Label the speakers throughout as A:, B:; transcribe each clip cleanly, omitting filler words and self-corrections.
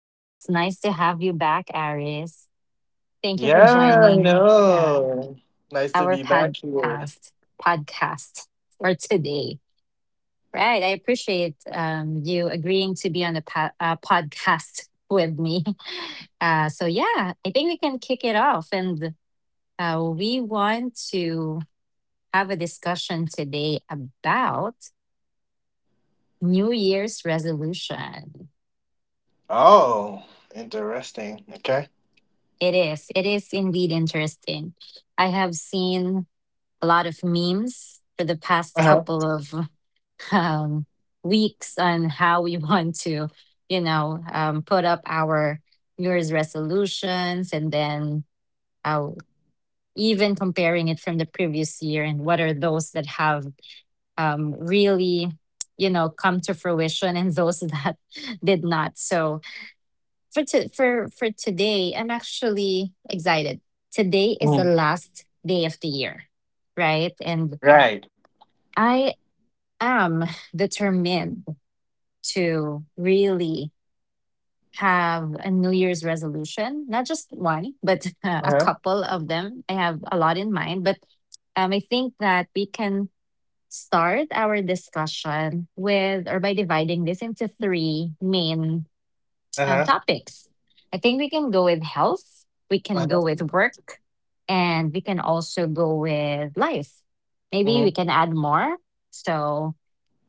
A: Wow, it's nice to have you back, Aris. Thank you for
B: Yeah, I
A: joining
B: know. Nice to
A: our
B: be back here.
A: podcast for today. Right, I appreciate you agreeing to be on a podcast with me. So yeah, I think we can kick it off, and we want to have a discussion today about New Year's resolution.
B: Oh, interesting. Okay.
A: It is. It is indeed interesting. I have seen a lot of memes for the past
B: Uh-huh.
A: couple of um, weeks on how we want to, put up our New Year's resolutions, and then uh, even comparing it from the previous year and what are those that have really, come to fruition and those that did not. So for to, for for today, I'm actually excited. Today is the
B: Mhm.
A: last day of the year, right? And
B: Right.
A: I am determined to really have a New Year's resolution, not just one, but a
B: Uh-huh.
A: couple of them. I have a lot in mind, but I think that we can start our discussion with, or by dividing this into three main
B: Uh-huh.
A: topics. I think we can go with health, we can go
B: Uh-huh.
A: with work, and we can also go with life. Maybe we
B: Hmm.
A: can add more. So,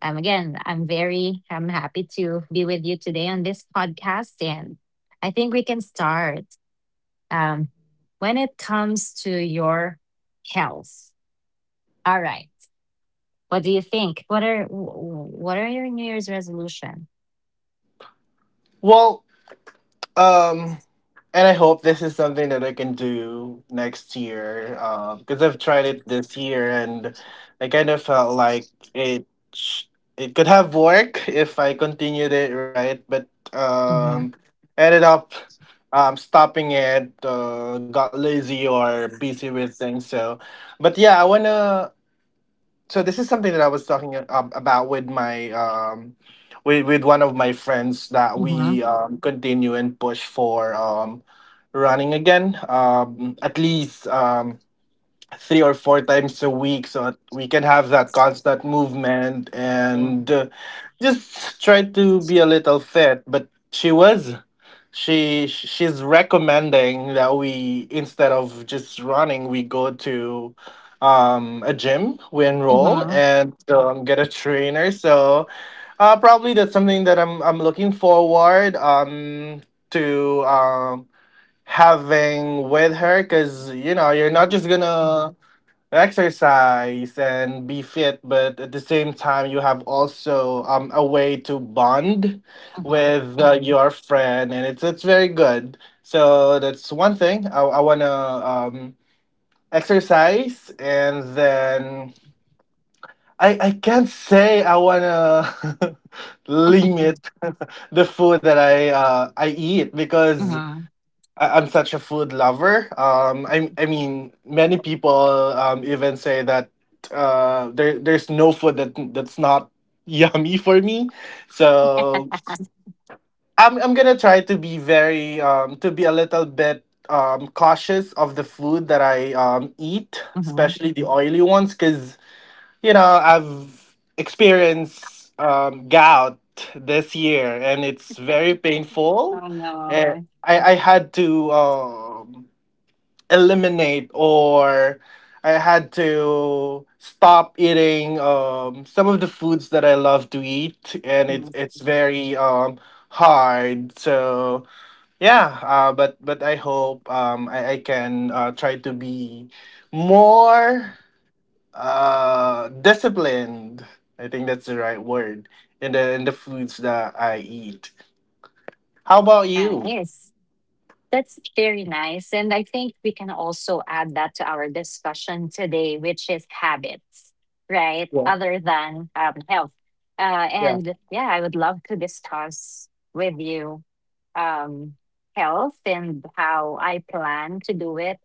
A: again, I'm happy to be with you today on this podcast, and I think we can start. Um, when it comes to your health, all right. What do you think? What are your New Year's resolution?
B: Well, um, and I hope this is something that I can do next year. Because I've tried it this year and I kind of felt like it sh- it could have worked if I continued it, right? But
A: Mm-hmm.
B: um ended up stopping it. Got lazy or busy with things. So, but yeah, I want to. So this is something that I was talking about with one of my friends, that
A: Mm-hmm.
B: we continue and push for running again, at least 3 or 4 times a week, so that we can have that constant movement and just try to be a little fit. But she was, she's recommending that, we instead of just running, we go to a gym, we enroll and get a trainer. So probably that's something that I'm looking forward to having with her, because you know, you're not just
A: Mm-hmm.
B: gonna exercise and be fit, but at the same time you have also a way to bond with mhm, your friend. And it's very good. So that's one thing I want to exercise. And then I can't say I want to limit the food that I eat
A: Uh
B: because
A: huh.
B: I'm such a food lover. I mean, many people even say that there's no food that's not yummy for me. So I'm gonna try to be very to be a little bit cautious of the food that I eat,
A: Uh huh.
B: especially the oily ones, because you know, I've experienced gout this year, and it's very painful.
A: Oh
B: And
A: no.
B: I had to eliminate, or I had to stop eating some of the foods that I love to eat, and it's
A: Mm.
B: it's very hard. So yeah, but I hope, I can try to be more disciplined. I think that's the right word, in the foods that I eat. How about you?
A: Nice. That's very nice. And I think we can also add that to our discussion today, which is habits, right?
B: Yeah.
A: Other than health. Uh,
B: Yeah.
A: and yeah, I would love to discuss with you um, health and how I plan to do it.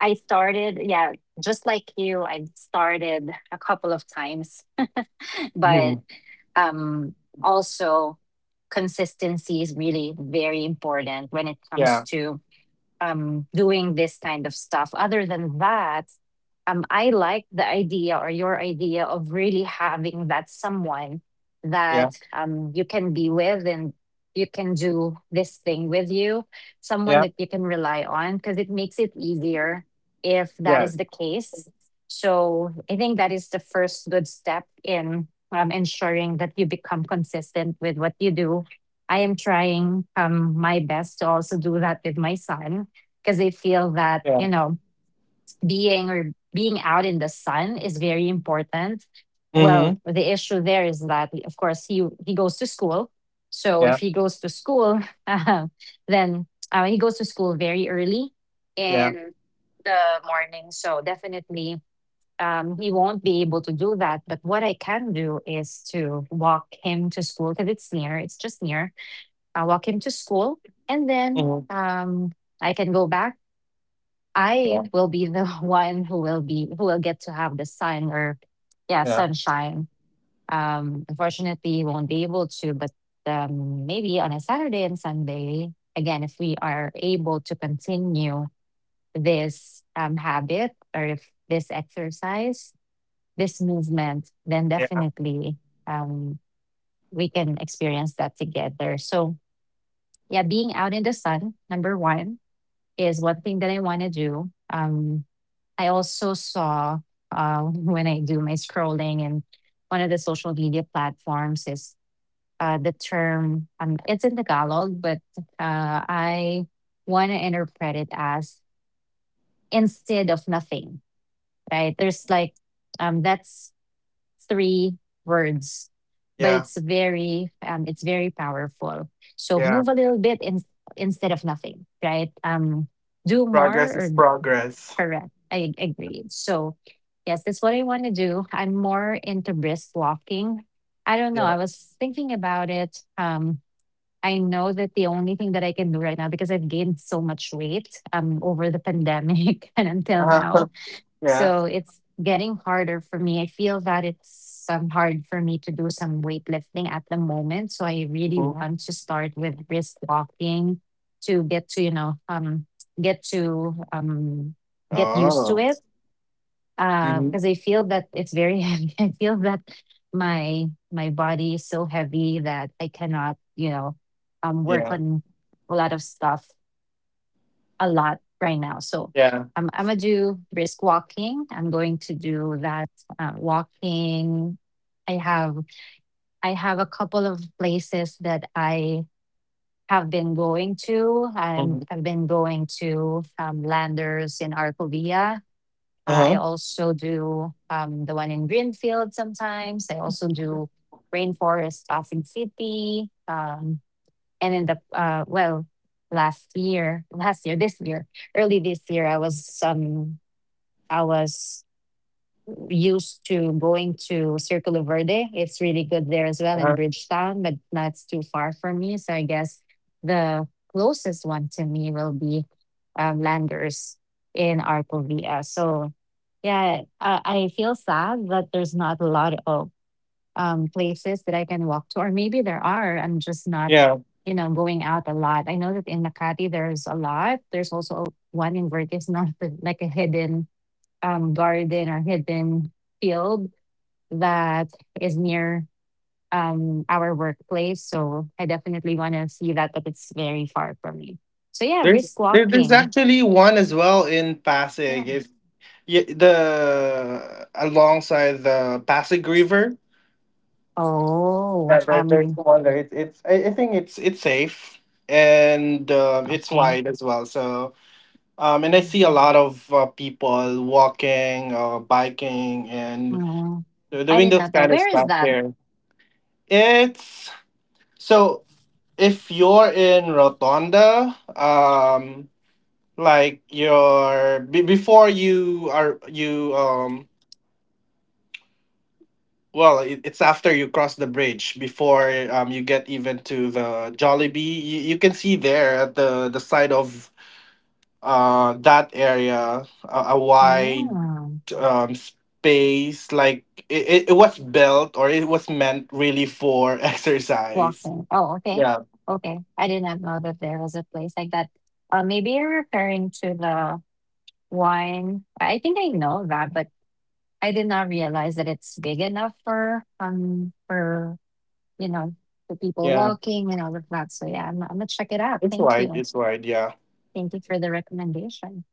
A: I started, yeah, just like you, I started a couple of times, but
B: Mhm.
A: Um, also, consistency is really very important when it comes
B: Yeah.
A: to doing this kind of stuff. Other than that, I like the idea, or your idea, of really having that someone that
B: Yeah.
A: you can be with and you can do this thing with you, someone
B: Yeah.
A: that you can rely on, because it makes it easier if that is
B: Yes.
A: the case. So I think that is the first good step in ensuring that you become consistent with what you do. I am trying my best to also do that with my son, because they feel that
B: Yeah.
A: being, or being out in the sun, is very important. Well,
B: Mm-hmm.
A: the issue there is that of course he goes to school. So if
B: Yeah,
A: he goes to school, then he goes to school very early
B: yeah.
A: in the morning, so definitely he won't be able to do that. But what I can do is to walk him to school, because it's near, it's just near. I walk him to school, and then
B: Mhm.
A: I can go back. I
B: Yeah,
A: will be the one who will get to have the sun, or yeah,
B: yeah.
A: sunshine. Unfortunately, won't be able to, but maybe on a Saturday and Sunday, again, if we are able to continue this habit, or if this exercise, this movement, then
B: Yeah,
A: definitely um, we can experience that together. So yeah, being out in the sun, number one, is one thing that I want to do. I also saw when I do my scrolling in one of the social media platforms is the term, it's in Tagalog, but I want to interpret it as instead of nothing, right? There's like, that's three words, but
B: yeah,
A: it's very, it's very powerful. So
B: yeah.
A: move a little bit in, instead of nothing, right? Do more,
B: Progress
A: or.
B: is progress.
A: Correct. I agree. So, yes, that's what I want to do. I'm more into brisk walking. I don't know.
B: Yeah.
A: I was thinking about it. I know that the only thing that I can do right now, because I've gained so much weight over the pandemic and until
B: Uh-huh.
A: now,
B: Yeah.
A: so it's getting harder for me. I feel that it's hard for me to do some weightlifting at the moment. So I really
B: Mhm.
A: want to start with brisk walking, to get to, you know, get to get used to
B: Oh.
A: it.
B: Mhm.
A: Because I feel that it's very heavy. I feel that my body is so heavy that I cannot, work
B: Yeah,
A: on a lot of stuff a lot right now. So
B: yeah.
A: I'm going to do brisk walking. I'm going to do that walking. I have I have a couple of places that I have been going to. I'm,
B: Mhm.
A: I've been going to Landers in Arcovia. I
B: Uh-huh.
A: also do the one in Greenfield sometimes. I also do Rainforest Pasig City. And in the well, last year this year early this year I was i was used to going to Circulo Verde. It's really good there as well, in
B: Uh-huh.
A: Bridgetown, but that's too far for me, so I guess the closest one to me will be Landers in Arcovia. So yeah, I feel sad that there's not a lot of places that I can walk to, or maybe there are. I'm just not,
B: Yeah.
A: going out a lot. I know that in Makati there's a lot. There's also one in Vertis North, with, like, a hidden garden, or hidden field that is near our workplace. So I definitely want to see that, but it's very far from me. So yeah,
B: There's
A: brisk
B: there's
A: walking.
B: actually one as well in Pasig.
A: Yeah.
B: If y the alongside the Pasig River.
A: Oh,
B: Yeah, there's one there. It's I think it's safe and it's
A: okay.
B: wide as well. So. And I see a lot of people walking, biking, and
A: Oh,
B: they're
A: I
B: doing
A: did
B: those
A: not know.
B: kind of
A: Where is
B: stuff
A: that?
B: there. It's so if you're in Rotonda, like you're be before you are you well it's after you cross the bridge, before you get even to the Jollibee, you can see there at the side of that area, a wide
A: Oh.
B: space, like it was built, or it was meant really for exercise.
A: Walking. Oh, okay.
B: Yeah,
A: Okay. I did not know that there was a place like that. Maybe you're referring to the wine. I think I know that, but I did not realize that it's big enough for you know the people
B: yeah,
A: walking and all of that. So yeah, I'm gonna check it out.
B: it's
A: Thank
B: wide,
A: you.
B: it's wide, yeah,
A: Thank you for the recommendation.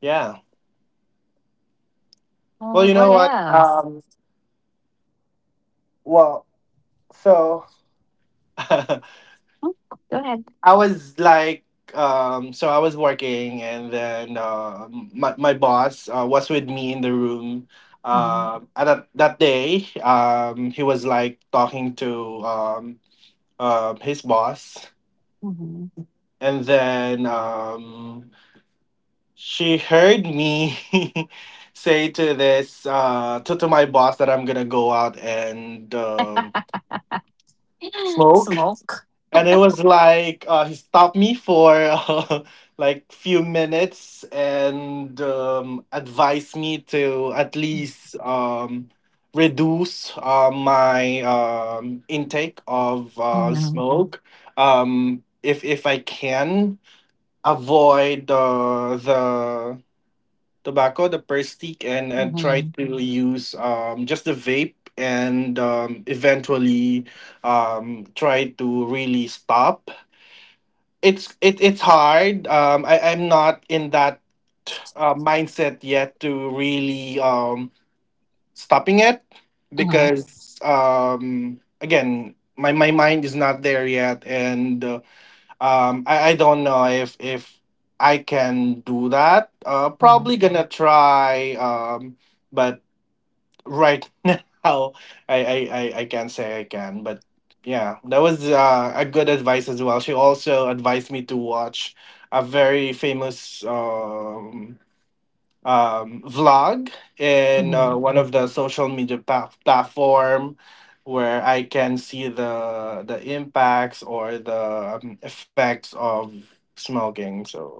B: yeah. Well,
A: Oh,
B: you
A: what
B: know what?
A: else?
B: Well, so, i
A: Mm, Go ahead.
B: was like I was working, and then my boss, was with me in the room
A: Hmm.
B: at that day. He was like talking to his boss,
A: Hmm.
B: and then she heard me say to this to my boss that I'm gonna go out and smoke,
A: Smoke.
B: and it was like, he stopped me for like, few minutes, and advised me to at least reduce my intake of
A: Hmm.
B: smoke, if I can avoid the tobacco, the perstic, and try
A: Hmm.
B: to use just the vape, and eventually try to really stop. It's hard. I'm not in that mindset yet to really stopping it,
A: Hmm.
B: because again my mind is not there yet, and I don't know if I can do that.
A: Yeah.
B: Probably gonna try. But right now, I can't say I can. But yeah, that was a good advice as well. She also advised me to watch a very famous vlog in
A: Mm-hmm.
B: one of the social media platform, where I can see the impacts or the effects of smoking. So,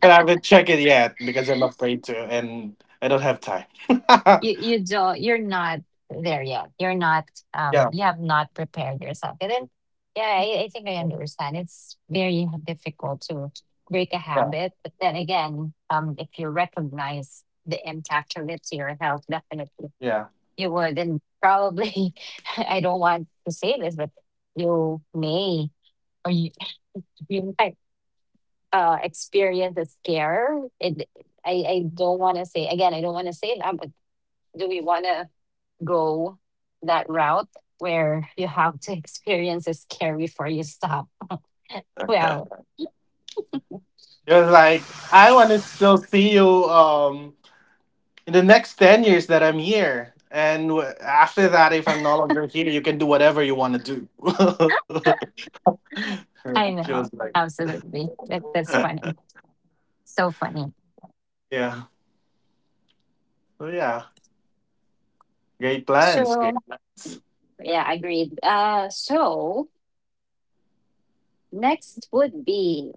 B: but I haven't checked it yet because I'm afraid to, and I don't have time.
A: You're not there yet,
B: Yeah,
A: you have not prepared yourself, and then yeah, I think I understand. It's very difficult to break a
B: yeah,
A: habit, but then again, if you recognize the impact of it to your health, definitely
B: yeah.
A: you would. And probably I don't want to say this, but you may, or you might experience a scare. It I I don't want to say, again, I don't want to say that, but do we want to go that route, where you have to experience a scary before you stop? Well,
B: It was like, I want to still see you in the next 10 years that I'm here. And after that, if I'm no longer here, you can do whatever you want to do. She
A: I
B: was
A: know.
B: like,
A: Absolutely. That's funny. So funny.
B: yeah, so yeah, great plans, great
A: So,
B: plans.
A: yeah, agreed. So, next would be,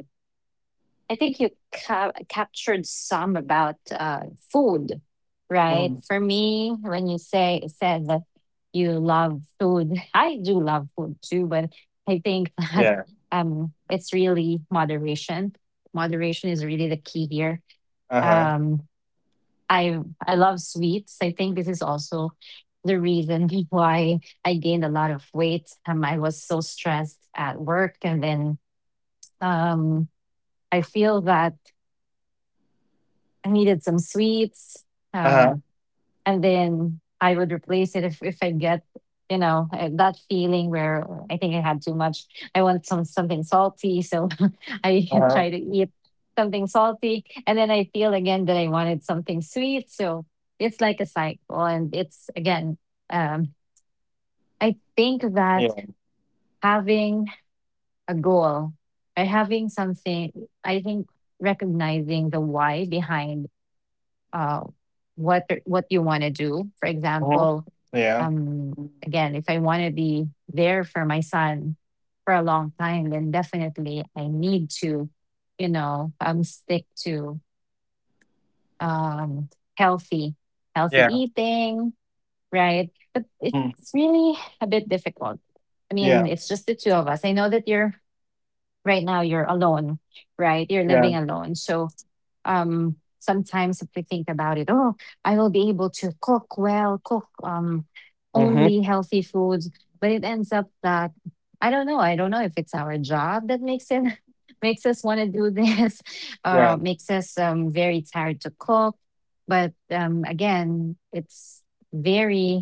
A: I think you captured some about food, right?
B: Mhm.
A: For me, when you say said that you love food, I do love food too, but I think that
B: Yeah.
A: it's really moderation. Moderation is really the key here.
B: Uh huh.
A: Um, I I love sweets. I think this is also the reason why I gained a lot of weight. I was so stressed at work, and then um, I feel that I needed some sweets.
B: Uh huh.
A: Um, and then I would replace it if I get, that feeling where I think I had too much. I want something salty. So I
B: Uh
A: try to
B: huh.
A: eat something salty. And then I feel again that I wanted something sweet. So it's like a cycle. And it's again, um, I think that
B: Yeah.
A: having a goal, or having something, I think recognizing the why behind uh, what you want to do. For
B: Uh-huh.
A: example,
B: Yeah.
A: um, again, if I want to be there for my son for a long time, then definitely I need to, stick to um, healthy healthy
B: Yeah.
A: eating, right? But it's
B: Mm.
A: really a bit difficult. I mean,
B: Yeah.
A: it's just the two of us. I know that you're right now you're alone, right? You're
B: Yeah.
A: living alone. So sometimes if we think about it, oh, I will be able to cook
B: Mm-hmm.
A: only healthy foods, but it ends up that I don't know. I don't know if it's our job that makes it makes us want to do this,
B: Yeah.
A: makes us very tired to cook. But again, it's very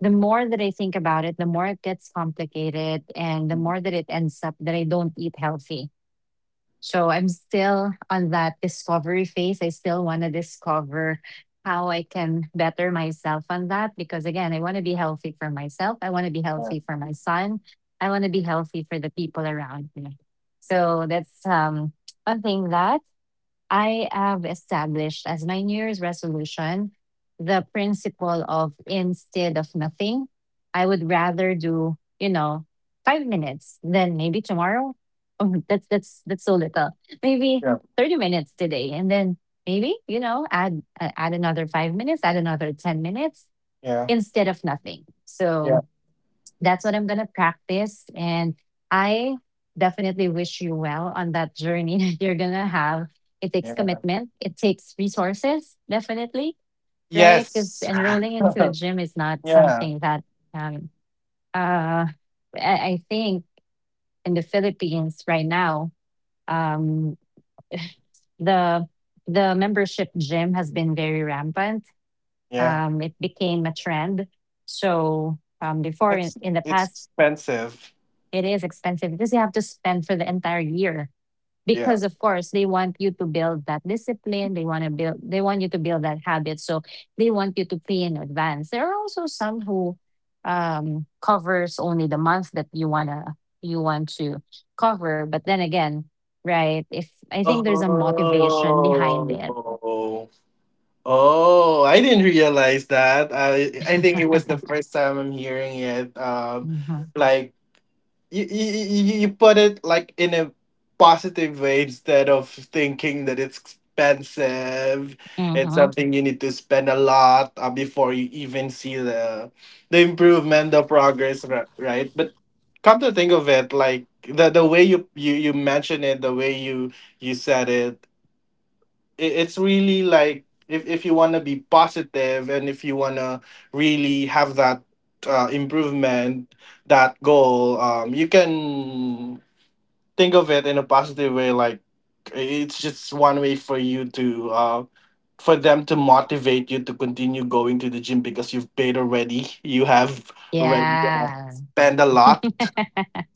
A: the more that I think about it, the more it gets complicated, and the
B: Mm.
A: more that it ends up that I don't eat healthy. So I'm still on that discovery phase. I still want to discover how I can better myself on that, because, again, I want to be healthy for myself. I want to be
B: Yeah.
A: healthy for my son. I want to be healthy for the people around me. So that's one thing that. I have established as my New Year's resolution, the principle of instead of nothing. I would rather do, you know, 5 minutes than maybe tomorrow. Oh, that's so little. Maybe
B: Yeah.
A: 30 minutes today, and then maybe you know add add another 5 minutes, add another 10 minutes
B: Yeah.
A: instead of nothing. So
B: Yeah.
A: that's what I'm going to practice. And I definitely wish you well on that journey that you're going to have. It takes
B: Yeah.
A: commitment, it takes resources, definitely, right? Because
B: Yes.
A: enrolling into a gym is not
B: Yeah.
A: something that um, uh, I think in the Philippines right now, um, the the membership gym has been very rampant.
B: Yeah.
A: It became a trend. So before
B: Next,
A: in the
B: it's
A: past,
B: expensive.
A: it is expensive because you have to spend for the entire year.
B: Yeah.
A: Because of course they want you to build that discipline. They want you to build that habit. So they want you to pay in advance. There are also some who covers only the month that you wanna you want to cover. But then again, right, if I think there's a motivation behind it.
B: Oh. Oh, I didn't realize that. I think it was the first time I'm hearing it.
A: Hmm.
B: Like you put it, like, in a positive way instead of thinking that it's expensive. It's
A: Hmm.
B: something you need to spend a lot before you even see the improvement, the progress, right? But, come to think of it, like the way you mention it, the way you said it's really like, if you want to be positive, and if you want to really have that improvement, that goal, you can think of it in a positive way, like, it's just one way for you to, for them to motivate you to continue going to the gym, because you've paid already, you have already
A: Yeah.
B: spent a lot.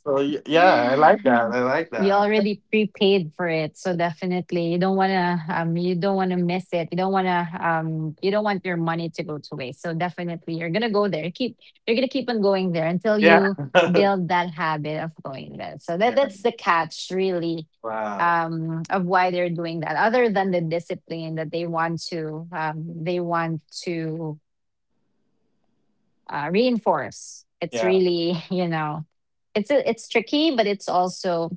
B: So yeah, I like that, I like
A: You
B: that.
A: already prepaid for it, so definitely you don't want to you don't want to miss it, you don't want to you don't want your money to go to waste. So definitely you're going to go there, keep you're going to keep on going there until
B: Yeah.
A: you build that habit of going there. So that
B: Yeah.
A: that's the catch, really,
B: Wow.
A: of why they're doing that, other than the discipline that they want to reinforce. It's
B: Yeah.
A: really, you know, it's tricky, but it's also,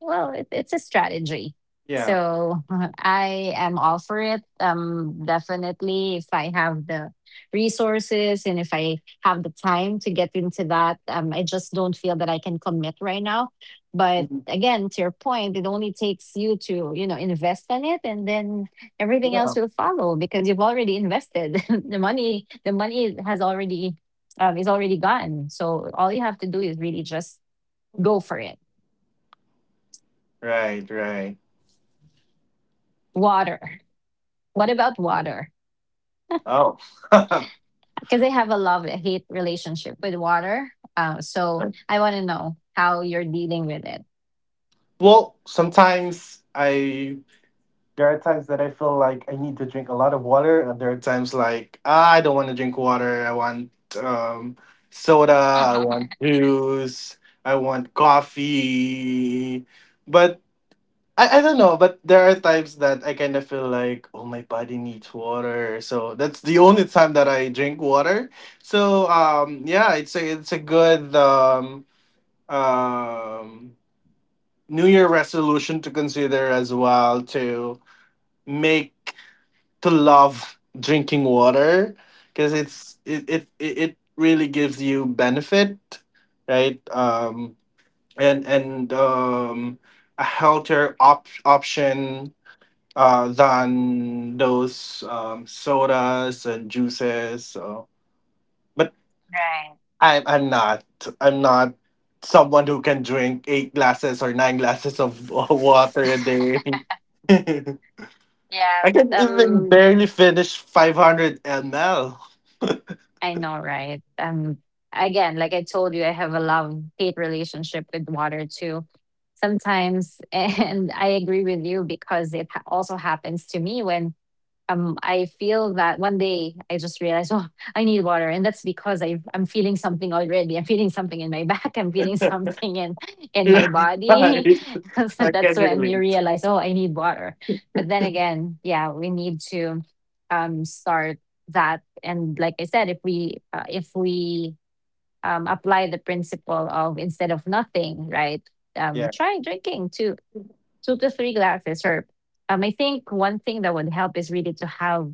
A: well, it's a strategy.
B: Yeah.
A: So I am all for it. Definitely, if I have the resources and if I have the time to get into that, I just don't feel that I can commit right now. But
B: Mm-hmm.
A: again, to your point, it only takes you to you know invest in it, and then everything else
B: Yeah.
A: will follow because you've already invested the money. The money has already is already gone. So all you have to do is really just go for it.
B: Right, right.
A: Water. What about water?
B: Oh.
A: Because I have a love hate relationship with water. So I want to know how you're dealing with it.
B: Well, sometimes I there are times that I feel like I need to drink a lot of water, and there are times like, "Ah, I don't want to drink water. I want um soda, I want juice, I want coffee." But I don't know, but there are times that I kind of feel like, oh, my body needs water. So that's the only time that I drink water. So yeah, it's a good um, New Year resolution to consider as well, to make to love drinking water, because it's it, it it it really gives you benefit, right? And a healthier option, than those sodas and juices. So, but
A: Right.
B: I'm I'm not I'm not someone who can drink 8 glasses or 9 glasses of water a day. I
A: Yeah.
B: can even
A: Um.
B: barely finish 500 ml.
A: I know, right? Again, like I told you, I have a love hate relationship with water too. Sometimes, and I agree with you because it ha- also happens to me when I feel that one day I just realized, oh, I need water, and that's because I'm feeling something already. I'm feeling something in my back. I'm feeling something in my
B: Yeah,
A: body.
B: right.
A: So
B: I can
A: that's when you
B: relate.
A: realize, oh, I need water. But then again, yeah, we need to start that. And like I said, if we apply the principle of instead of nothing, right?
B: Yeah,
A: Try drinking too two to three glasses or I think one thing that would help is really to have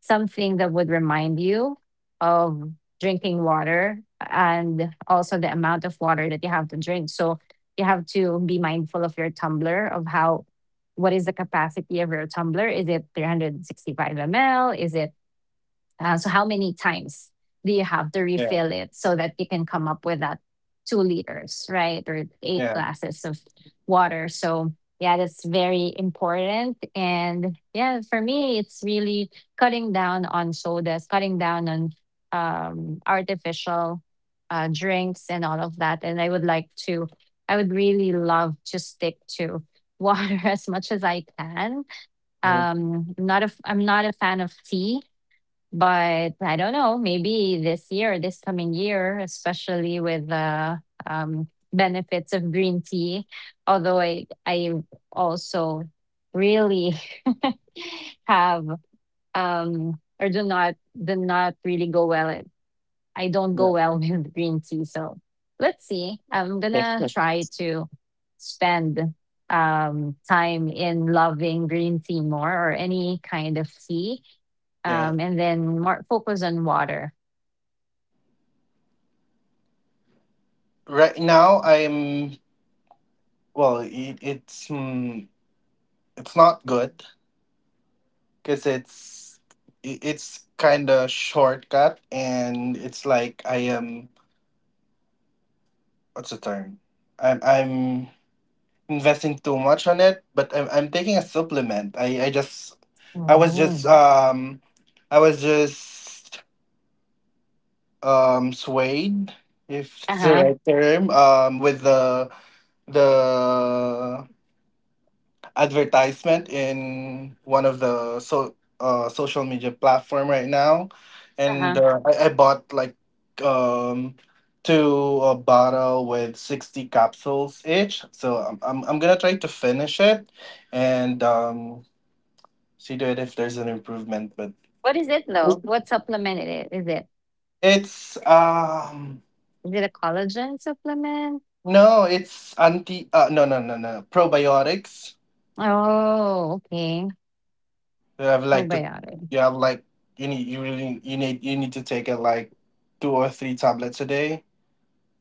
A: something that would remind you of drinking water, and also the amount of water that you have to drink. So you have to be mindful of your tumbler, of how, what is the capacity of your tumbler, is it 365 ml, is it so how many times do you have to
B: yeah,
A: refill it so that you can come up with that 2 liters, right? Or eight
B: yeah.
A: glasses of water. So yeah, that's very important. And yeah, for me, it's really cutting down on sodas, cutting down on artificial drinks, and all of that. And I would like to, I would really love to stick to water as much as I can.
B: Mhm.
A: I'm not a fan of tea, but I don't know, maybe this year, this coming year, especially with the um, benefits of green tea, although I also really have or do not really go well, I don't
B: Yeah.
A: go well with green tea. So let's see. I'm gonna try to spend time in loving green tea more, or any kind of tea.
B: Yeah.
A: Um, and then more focus on water.
B: Right now, I'm Well, it's not good because it's kind of shortcut, and it's like I am, what's the term? I'm investing too much on it, but I'm taking a supplement. I was just
A: Oh.
B: um I was just swayed, if it's the
A: Uh-huh.
B: right term, with the advertisement in one of the social media platform right now, and
A: Uh-huh.
B: I bought like um two, a bottle with 60 capsules each. So I'm gonna try to finish it, and see to it if there's an improvement. But
A: What is it though? What supplement it is?
B: it's
A: Is it a collagen supplement?
B: no, it's anti no, no, no, no, probiotics.
A: Oh, okay.
B: You have like to,
A: Probiotic.
B: you have like You need to take it like 2 or 3 tablets a day.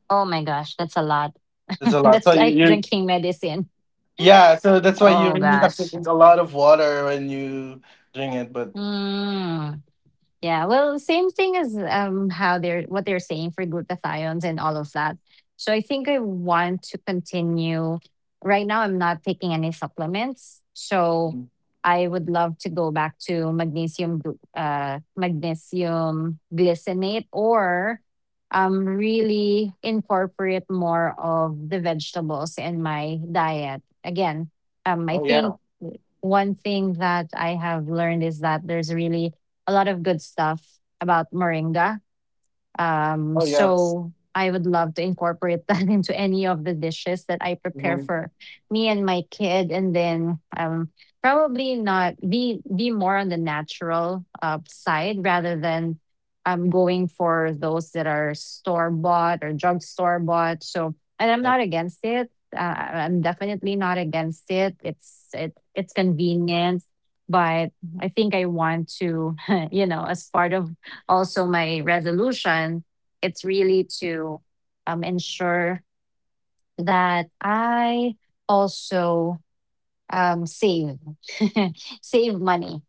A: Oh my gosh, that's a lot.
B: It's a lot. So
A: That's
B: you,
A: like
B: you
A: drinking medicine.
B: yeah. So that's why you
A: Oh
B: really have to
A: gosh.
B: drink a lot of water when you drink it. But
A: 嗯，Yeah, well, same thing as how they're what they're saying for glutathione and all of that. So I think I want to continue. Right now, I'm not taking any supplements, so I would love to go back to magnesium, magnesium glycinate, or really incorporate more of the vegetables in my diet. Again, I
B: oh yeah,
A: think one thing that I have learned is that there's really a lot of good stuff about moringa
B: oh yeah,
A: so I would love to incorporate that into any of the dishes that I prepare
B: hmm,
A: for me and my kid, and then probably not be be more on the natural side rather than going for those that are store bought or drugstore bought. So, and I'm not against it. I'm definitely not against it. It's convenient, but I think I want to, you know, as part of also my resolution, it's really to ensure that I also save save money,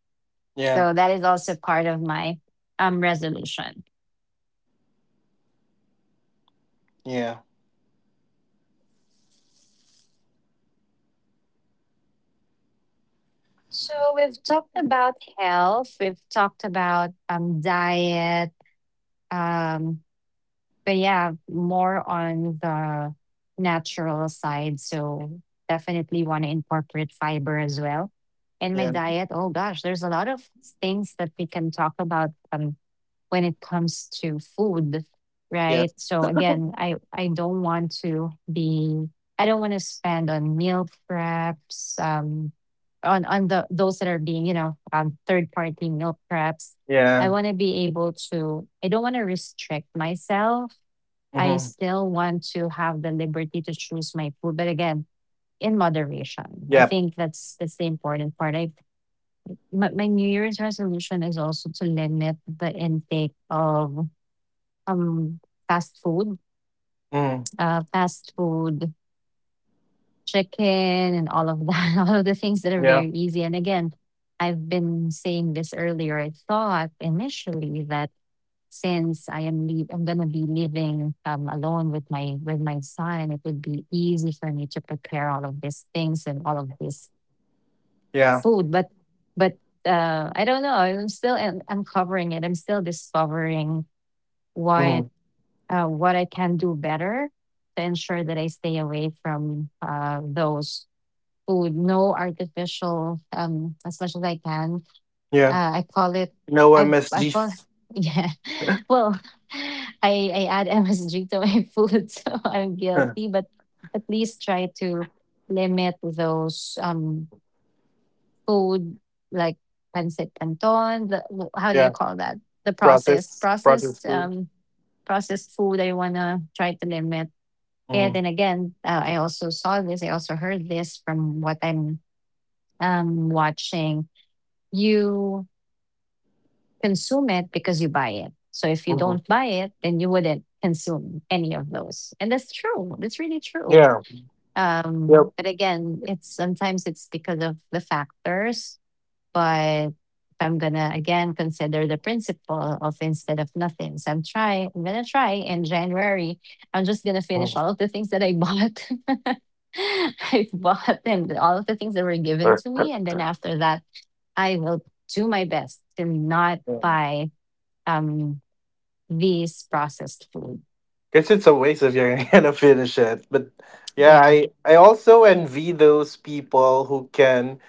B: yeah,
A: so that is also part of my resolution.
B: yeah,
A: So we've talked about health, we've talked about diet um, but yeah, more on the natural side. So definitely want to incorporate fiber as well. And my
B: yeah,
A: diet, oh gosh, there's a lot of things that we can talk about when it comes to food,
B: yeah,
A: right? So again, I don't want to spend on meal preps, on the those that are being you know third party meal preps. I
B: yeah.
A: want to be able to. I don't want to restrict myself. I
B: Mm-hmm.
A: still want to have the liberty to choose my food, but again, in moderation. I
B: Yeah.
A: think that's the important part. I my New Year's resolution is also to limit the intake of um fast food,
B: Mm.
A: uh, fast food, chicken, and all of that, all of the things that are
B: Yeah.
A: very easy. And again, I've been saying this earlier. I thought initially that since I am leave, I'm gonna be living alone with my son, it would be easy for me to prepare all of these things and all of this
B: Yeah.
A: food. But but I don't know. I'm still un- uncovering it. I'm still discovering what
B: Mm.
A: what I can do better to ensure that I stay away from those food. No artificial, as much as I can
B: Yeah.
A: uh, I call it
B: No
A: I
B: MSG.
A: fall yeah. Well, I add MSG to my food, so I'm
B: Huh.
A: guilty, but at least try to limit those food like pancit canton, the, wh- how do you
B: Yeah.
A: call that? The processed
B: Processed processed
A: processed
B: food.
A: processed food I want to try to limit. It.
B: Mm-hmm.
A: And again, I also heard this from what I'm watching. You consume it because you buy it. So if you don't
B: Mm-hmm.
A: buy it, then you wouldn't consume any of those. And that's true. That's really true.
B: Yeah. Yep.
A: But again, it's sometimes it's because of the factors. But if I'm gonna again consider the principle of instead of nothing. So I'm gonna try in January. I'm just gonna finish all of the things that I bought. I bought and all of the things that were given
B: Mhm.
A: to me. And then after that, I will do my best to not
B: Yeah.
A: buy um these processed food.
B: Guess it's a waste if you're gonna finish it. But yeah,
A: Yeah.
B: I also envy those people who can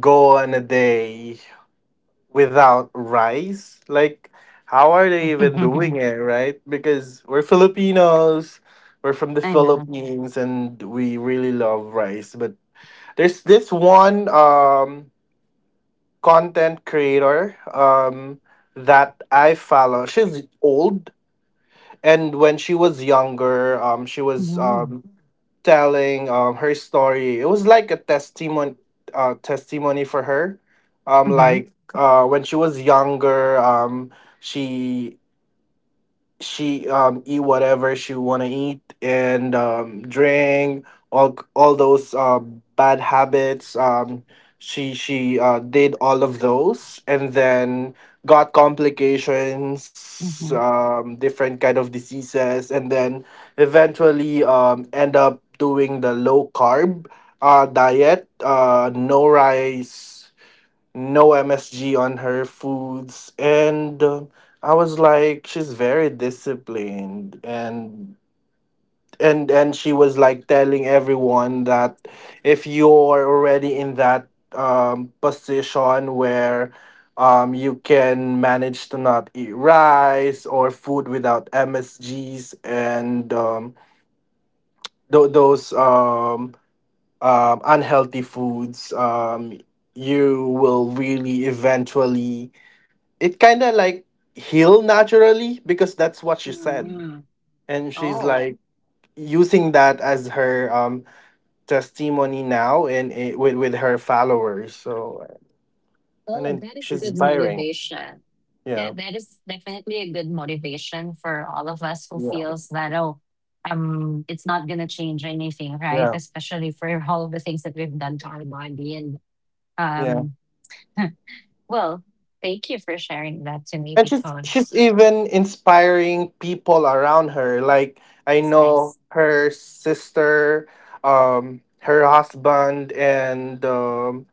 B: go on a day without rice. Like, how are they even doing
A: I
B: it, right? Because we're Filipinos, we're from the
A: know.
B: Philippines, and we really love rice. But there's this one content creator that I follow. She's old. And when she was younger, she was
A: Mhm.
B: telling her story. It was like a testimony, testimony for her.
A: Mhm.
B: Like when she was younger, she she eat whatever she wanna eat and drink all those bad habits, she did all of those, and then got complications,
A: Mhm.
B: different kind of diseases, and then eventually end up doing the low carb diet, no rice, no MSG on her foods. And I was like, she's very disciplined. And she was like telling everyone that if you're already in that position where you can manage to not eat rice or food without MSGs and those unhealthy foods, you will really eventually, it kind of like healed naturally, because that's what she said.
A: Mm.
B: And she's
A: Oh,
B: like using that as her testimony now, and it, with her followers. So and
A: oh,
B: then
A: that is a
B: she's
A: good
B: inspiring.
A: motivation.
B: Yeah,
A: That that is definitely a good motivation for all of us who
B: yeah.
A: feels that oh, it's not gonna change anything, right?
B: Yeah,
A: Especially for all of the things that we've done to our body. And
B: yeah.
A: um, well, thank you for sharing that to me
B: And she's
A: because
B: she's even inspiring people around her. Like, I
A: that's
B: know
A: nice.
B: her sister, her husband, and um,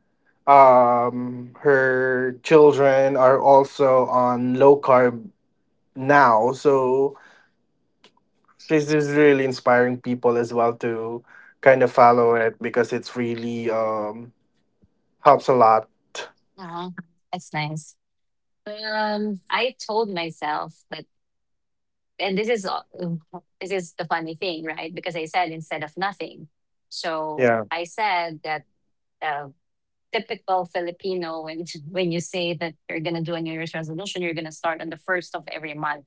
B: um her children are also on low carb now. So she's just really inspiring people as well to kind of follow it because it's really helps a lot.
A: Uh-huh. That's nice. I told myself that, and this is the funny thing, right? Because I said instead of nothing, so
B: Yeah,
A: I said that uh, typical Filipino when when you say that you're gonna do a New Year's resolution, you're gonna start on the first of every month,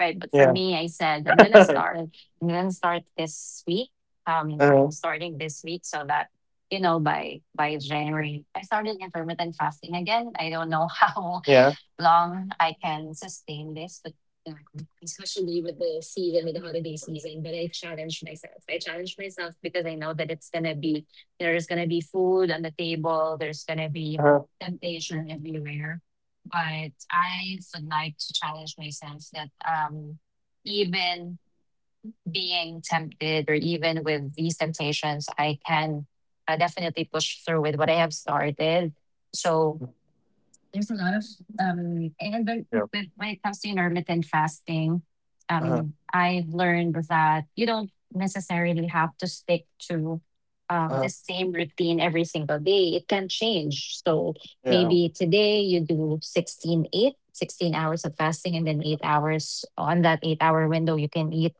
A: right? But for
B: yeah.
A: me, I said I'm gonna
B: Uh-huh.
A: start. I'm gonna start this week. Starting this week, so that you know by January, I started intermittent fasting again. I don't know how
B: Yeah.
A: long I can sustain this, but um, especially with the season, with the holiday season. But I challenge myself. I challenge myself because I know that it's gonna be there's gonna be food on the table. There's gonna be
B: Uh-huh.
A: temptation everywhere. But I would like to challenge myself that even being tempted or even with these temptations, I can definitely push through with what I have started. So there's a lot of and
B: Yeah.
A: when it comes to intermittent fasting,
B: Uh-huh.
A: I've learned that you don't necessarily have to stick to
B: Uh-huh.
A: the same routine every single day. It can change. So
B: Yeah.
A: maybe today you do 16:8, 16 hours of fasting, and then 8 hours on that 8-hour window you can eat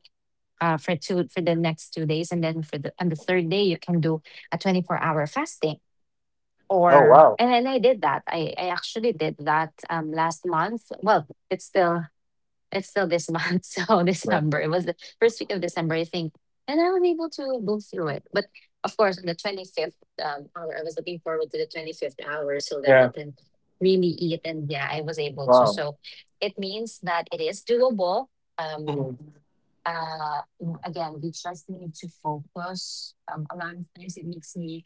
A: for two for the next 2 days, and then for the third day you can do a 24-hour fasting.
B: Oh,
A: or
B: wow.
A: and then I did that. I actually did that last month. Well, it's still this month, so
B: Yeah,
A: December. It was the first week of December, I think. And I was able to go through it. But of course on the 25th hour, I was looking forward to the 25th hour so that I
B: yeah.
A: can really eat, and yeah, I was
B: Wow.
A: able to. So it means that it is doable. Um
B: Hmm.
A: uh, Again, we just need to focus. A lot of times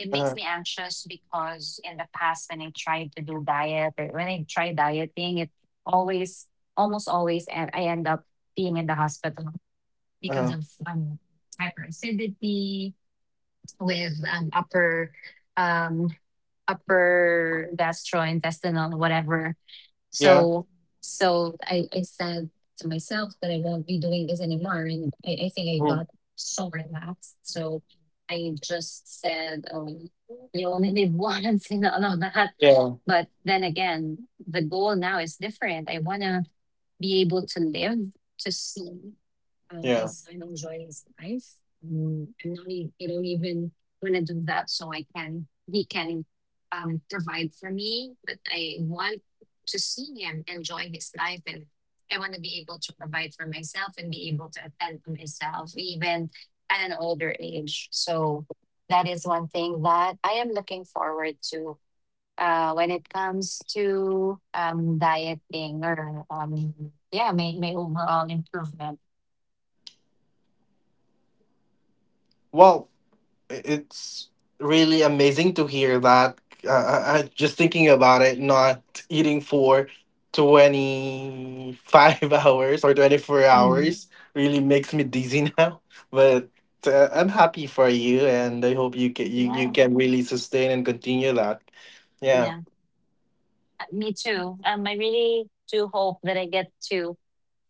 A: it
B: Uh-huh.
A: makes me anxious because in the past when I tried to do diet or when I try dieting, it always almost always and I end up being in the hospital because
B: Uh-huh.
A: of hyperacidity with upper um upper gastrointestinal whatever,
B: Yeah.
A: so so I said to myself that I won't be doing this anymore. And I think I
B: Mhm.
A: got so relaxed. So I just said, oh, you only live once, and all of that.
B: Yeah,
A: But then again, the goal now is different. I want to be able to live, to see. My
B: yeah.
A: enjoy his life. Mm, and now he, don't even want to do that, so I can he can provide for me. But I want to see him enjoy his life, and I want to be able to provide for myself and be able to attend to myself, even at an older age. So that is one thing that I am looking forward to. When it comes to dieting or yeah, my overall improvement.
B: Well, it's really amazing to hear that. Just thinking about it, not eating for 25 hours or 24 hours really makes me dizzy now. But I'm happy for you, and I hope you
A: Yeah,
B: can really sustain and continue that. Yeah,
A: yeah, me too. I really do hope that I get to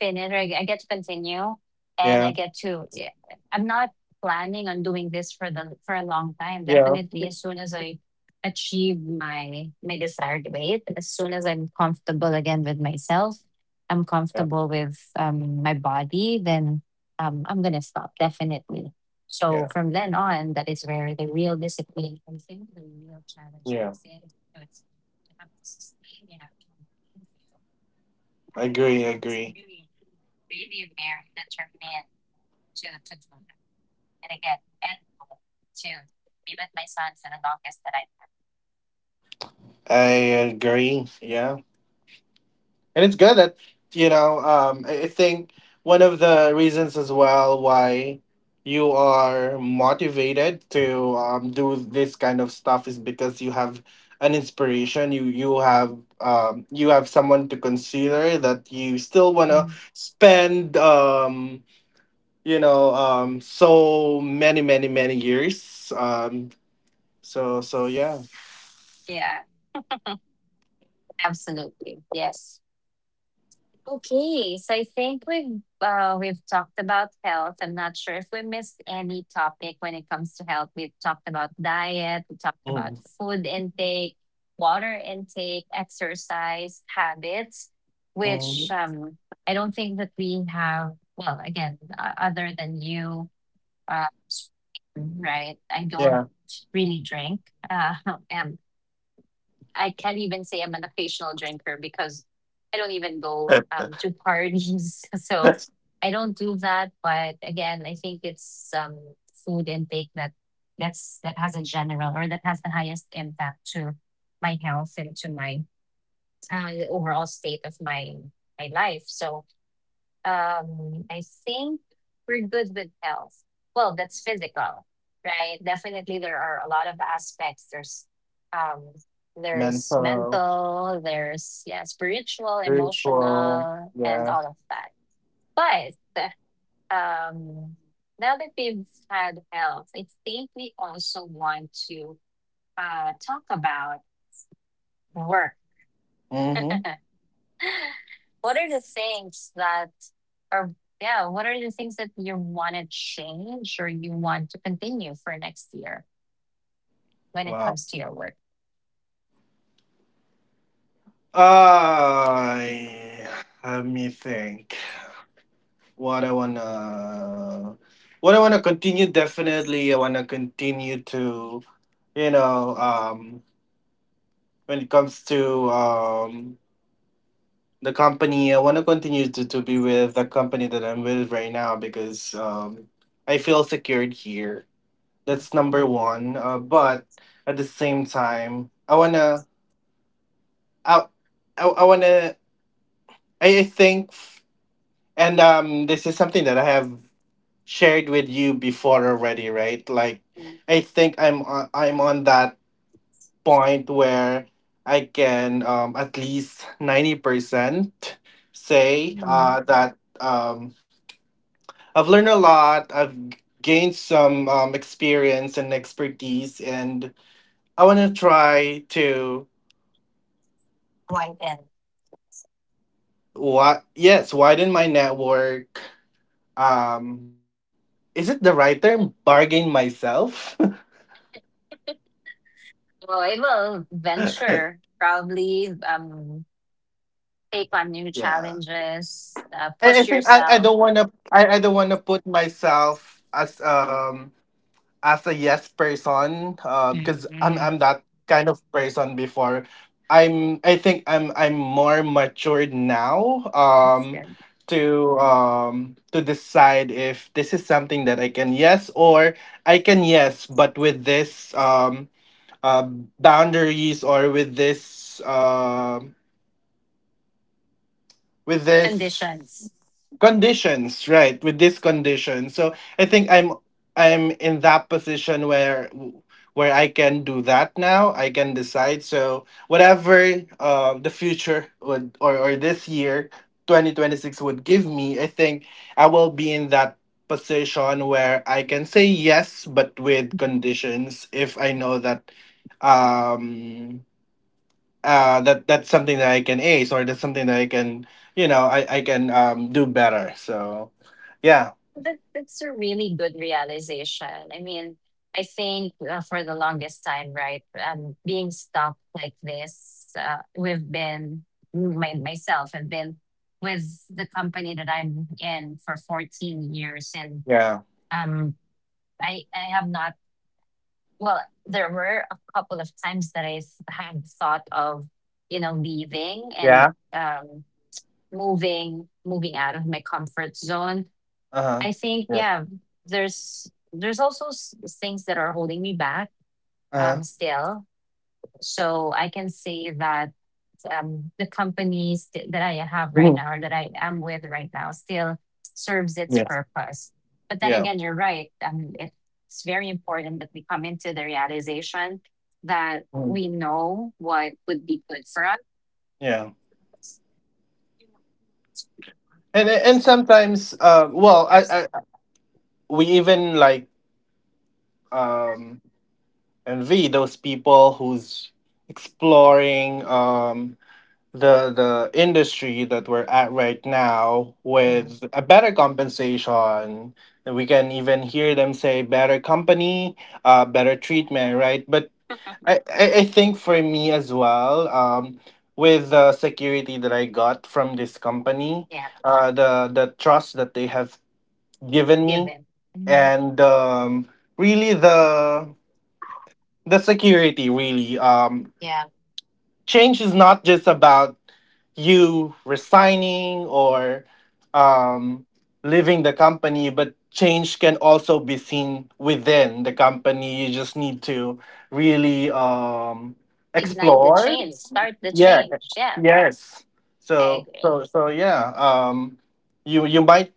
A: finish, or I get to continue, and I
B: yeah,
A: get to. Yeah, I'm not planning on doing this for the for a long time.
B: yeah,
A: Definitely, as soon as I achieve my desired weight, and as soon as I'm comfortable again with myself, I'm
B: yeah,
A: comfortable with my body, then I'm gonna stop definitely. So
B: yeah,
A: from then on, that is where the real discipline comes in, the real challenge comes
B: yeah.
A: in. You have to sustain, you have to campaign for your right.
B: I agree, I
A: And it's
B: agree.
A: really, really rare that to do that. And again, and to be with my son for the longest that I can.
B: I agree. Yeah. And it's good that I think one of the reasons as well why you are motivated to do this kind of stuff is because you have an inspiration. You have, you have someone to consider that you still want to
A: Mm.
B: spend, so many many many years, so yeah.
A: Yeah, absolutely. Yes. Okay, so I think we've talked about health. I'm not sure if we missed any topic when it comes to health. We've talked about diet, we talked about
B: Mhm.
A: food intake, water intake, exercise habits, which
B: Mhm.
A: I don't think that we have. Well, again, other than you, uh, right? I don't
B: Yeah.
A: really drink. Uh, and I can't even say I'm an occasional drinker because I don't even go to parties. So I don't do that. But again, I think it's food intake that that has a general or that has the highest impact to my health and to my overall state of my life. So I think we're good with health. Well, that's physical, right? Definitely, there are a lot of aspects. Um, there's
B: Mental.
A: mental, there's yeah, spiritual,
B: Very.
A: emotional, and
B: Yeah.
A: all of that. But um, now that we've had health, I think we also want to talk about work.
B: Mm-hmm.
A: What are the things that are, yeah, what are the things that you want to change or you want to continue for next year when it
B: Wow.
A: comes to your work?
B: I Let me think. What I wanna, what I wanna continue. Definitely, I wanna continue to, you know um when it comes to the company. I wanna continue to be with the company that I'm with right now because I feel secured here. That's number one. But at the same time, I I, I wanna I I think, f- and this is something that I have shared with you before already, right? Like, I think I'm on that point where I can, at least 90% say,
A: Mm.
B: that I've learned a lot. I've gained some experience and expertise, and I want to try to...
A: Why then?
B: What? Yes, widen my network. um is it the right term, bargain myself?
A: Well, I will venture, probably take on new
B: Yeah.
A: challenges,
B: i,
A: push
B: I think,
A: yourself.
B: I don't want to put myself as a yes person, because i'm
A: Mhm.
B: i'm that kind of person before. I think I'm more matured now,
A: That's good.
B: to, to decide if this is something that I can yes or I can yes but with this, boundaries, or with this, with this
A: Conditions.
B: conditions, right? With this condition. So I think I'm in that position where I can do that now. I can decide. So whatever, the future would, or this year 2026 would give me, I think I will be in that position where I can say yes but with conditions if I know that, um that that's something that I can ace, or that's something that I can, I can do better. So yeah.
A: That that's a really good realization. I mean, I think for the longest time, right, being stuck like this, we've been myself. I've been with the company that I'm in for 14 years, and
B: Yeah,
A: um, I have not. Well, there were a couple of times that I had thought of, you know, leaving and
B: yeah.
A: um, moving out of my comfort zone.
B: Uh huh.
A: I think
B: Yeah.
A: yeah, there's also things that are holding me back,
B: Uh
A: still. So I can say that the companies that I have right
B: huh.
A: now or that I am with right now still serves its
B: Yes.
A: purpose. But then
B: Yeah.
A: again, you're right. It's very important that we come into the realization that
B: Mhm.
A: we know what would be good for us.
B: Yeah. And sometimes, well, I,
A: There's that.
B: I we even like, um envy those people who's exploring, the industry that we're at right now with a better compensation, and we can even hear them say better company, better treatment, right? But I think, for me as well, with the security that I got from this company,
A: Yeah,
B: the trust that they have given me,
A: given. Mm-hmm.
B: and really the security, really,
A: Yeah.
B: change is not just about you resigning or um, leaving the company, but change can also be seen within the company. You just need to really,
A: Ignite the
B: explore.
A: change. Start the
B: Yeah.
A: change. Yeah.
B: Yes.
A: I
B: So
A: agree.
B: so so yeah. You might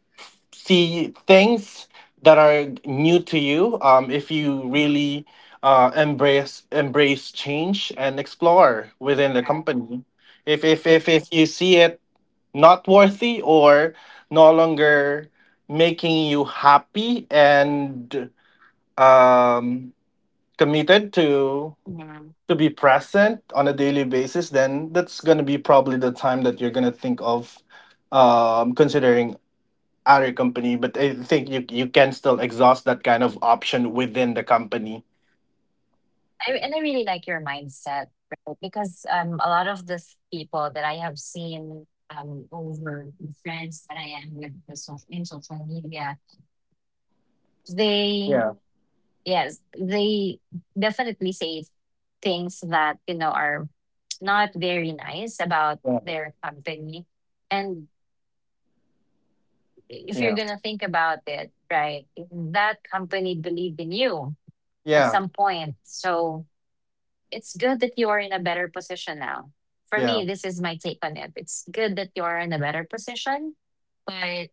B: see things that are new to you, if you really, embrace change and explore within the company. If,
A: Great.
B: if you see it not worthy or no longer making you happy and um, committed to
A: Yeah.
B: to be present on a daily basis, then that's going to be probably the time that you're going to think of considering other company. But I think you can still exhaust that kind of option within the company.
A: I, and I really like your mindset, right? Because a lot of the people that I have seen over the friends that I am with in social media, they,
B: Yeah,
A: yes, they definitely say things that, you know, are not very nice about
B: yeah,
A: their company. And if you're
B: yeah,
A: gonna think about it, right, that company believed in you at
B: yeah,
A: some point. So it's good that you are in a better position now. For
B: yeah,
A: me, this is my take on it. It's good that you are in a better position, but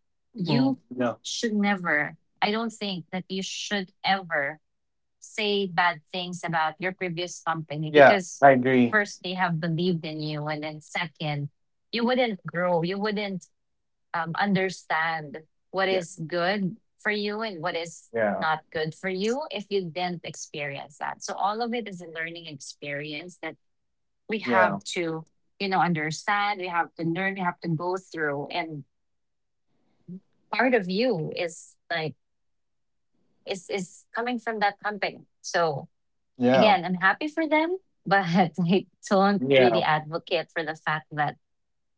B: mm,
A: you
B: yeah,
A: should never, I don't think that you should ever say bad things about your previous company
B: yeah.
A: because
B: I agree.
A: first, they have believed in you. And then second, you wouldn't grow. You wouldn't understand what
B: Yeah,
A: is good for you and what is
B: yeah,
A: not good for you if you didn't experience that. So all of it is a learning experience that we
B: yeah,
A: have to, you know, understand, we have to learn, we have to go through. And part of you is like is coming from that company. So
B: yeah,
A: again, I'm happy for them, but I don't really
B: yeah,
A: advocate for the fact that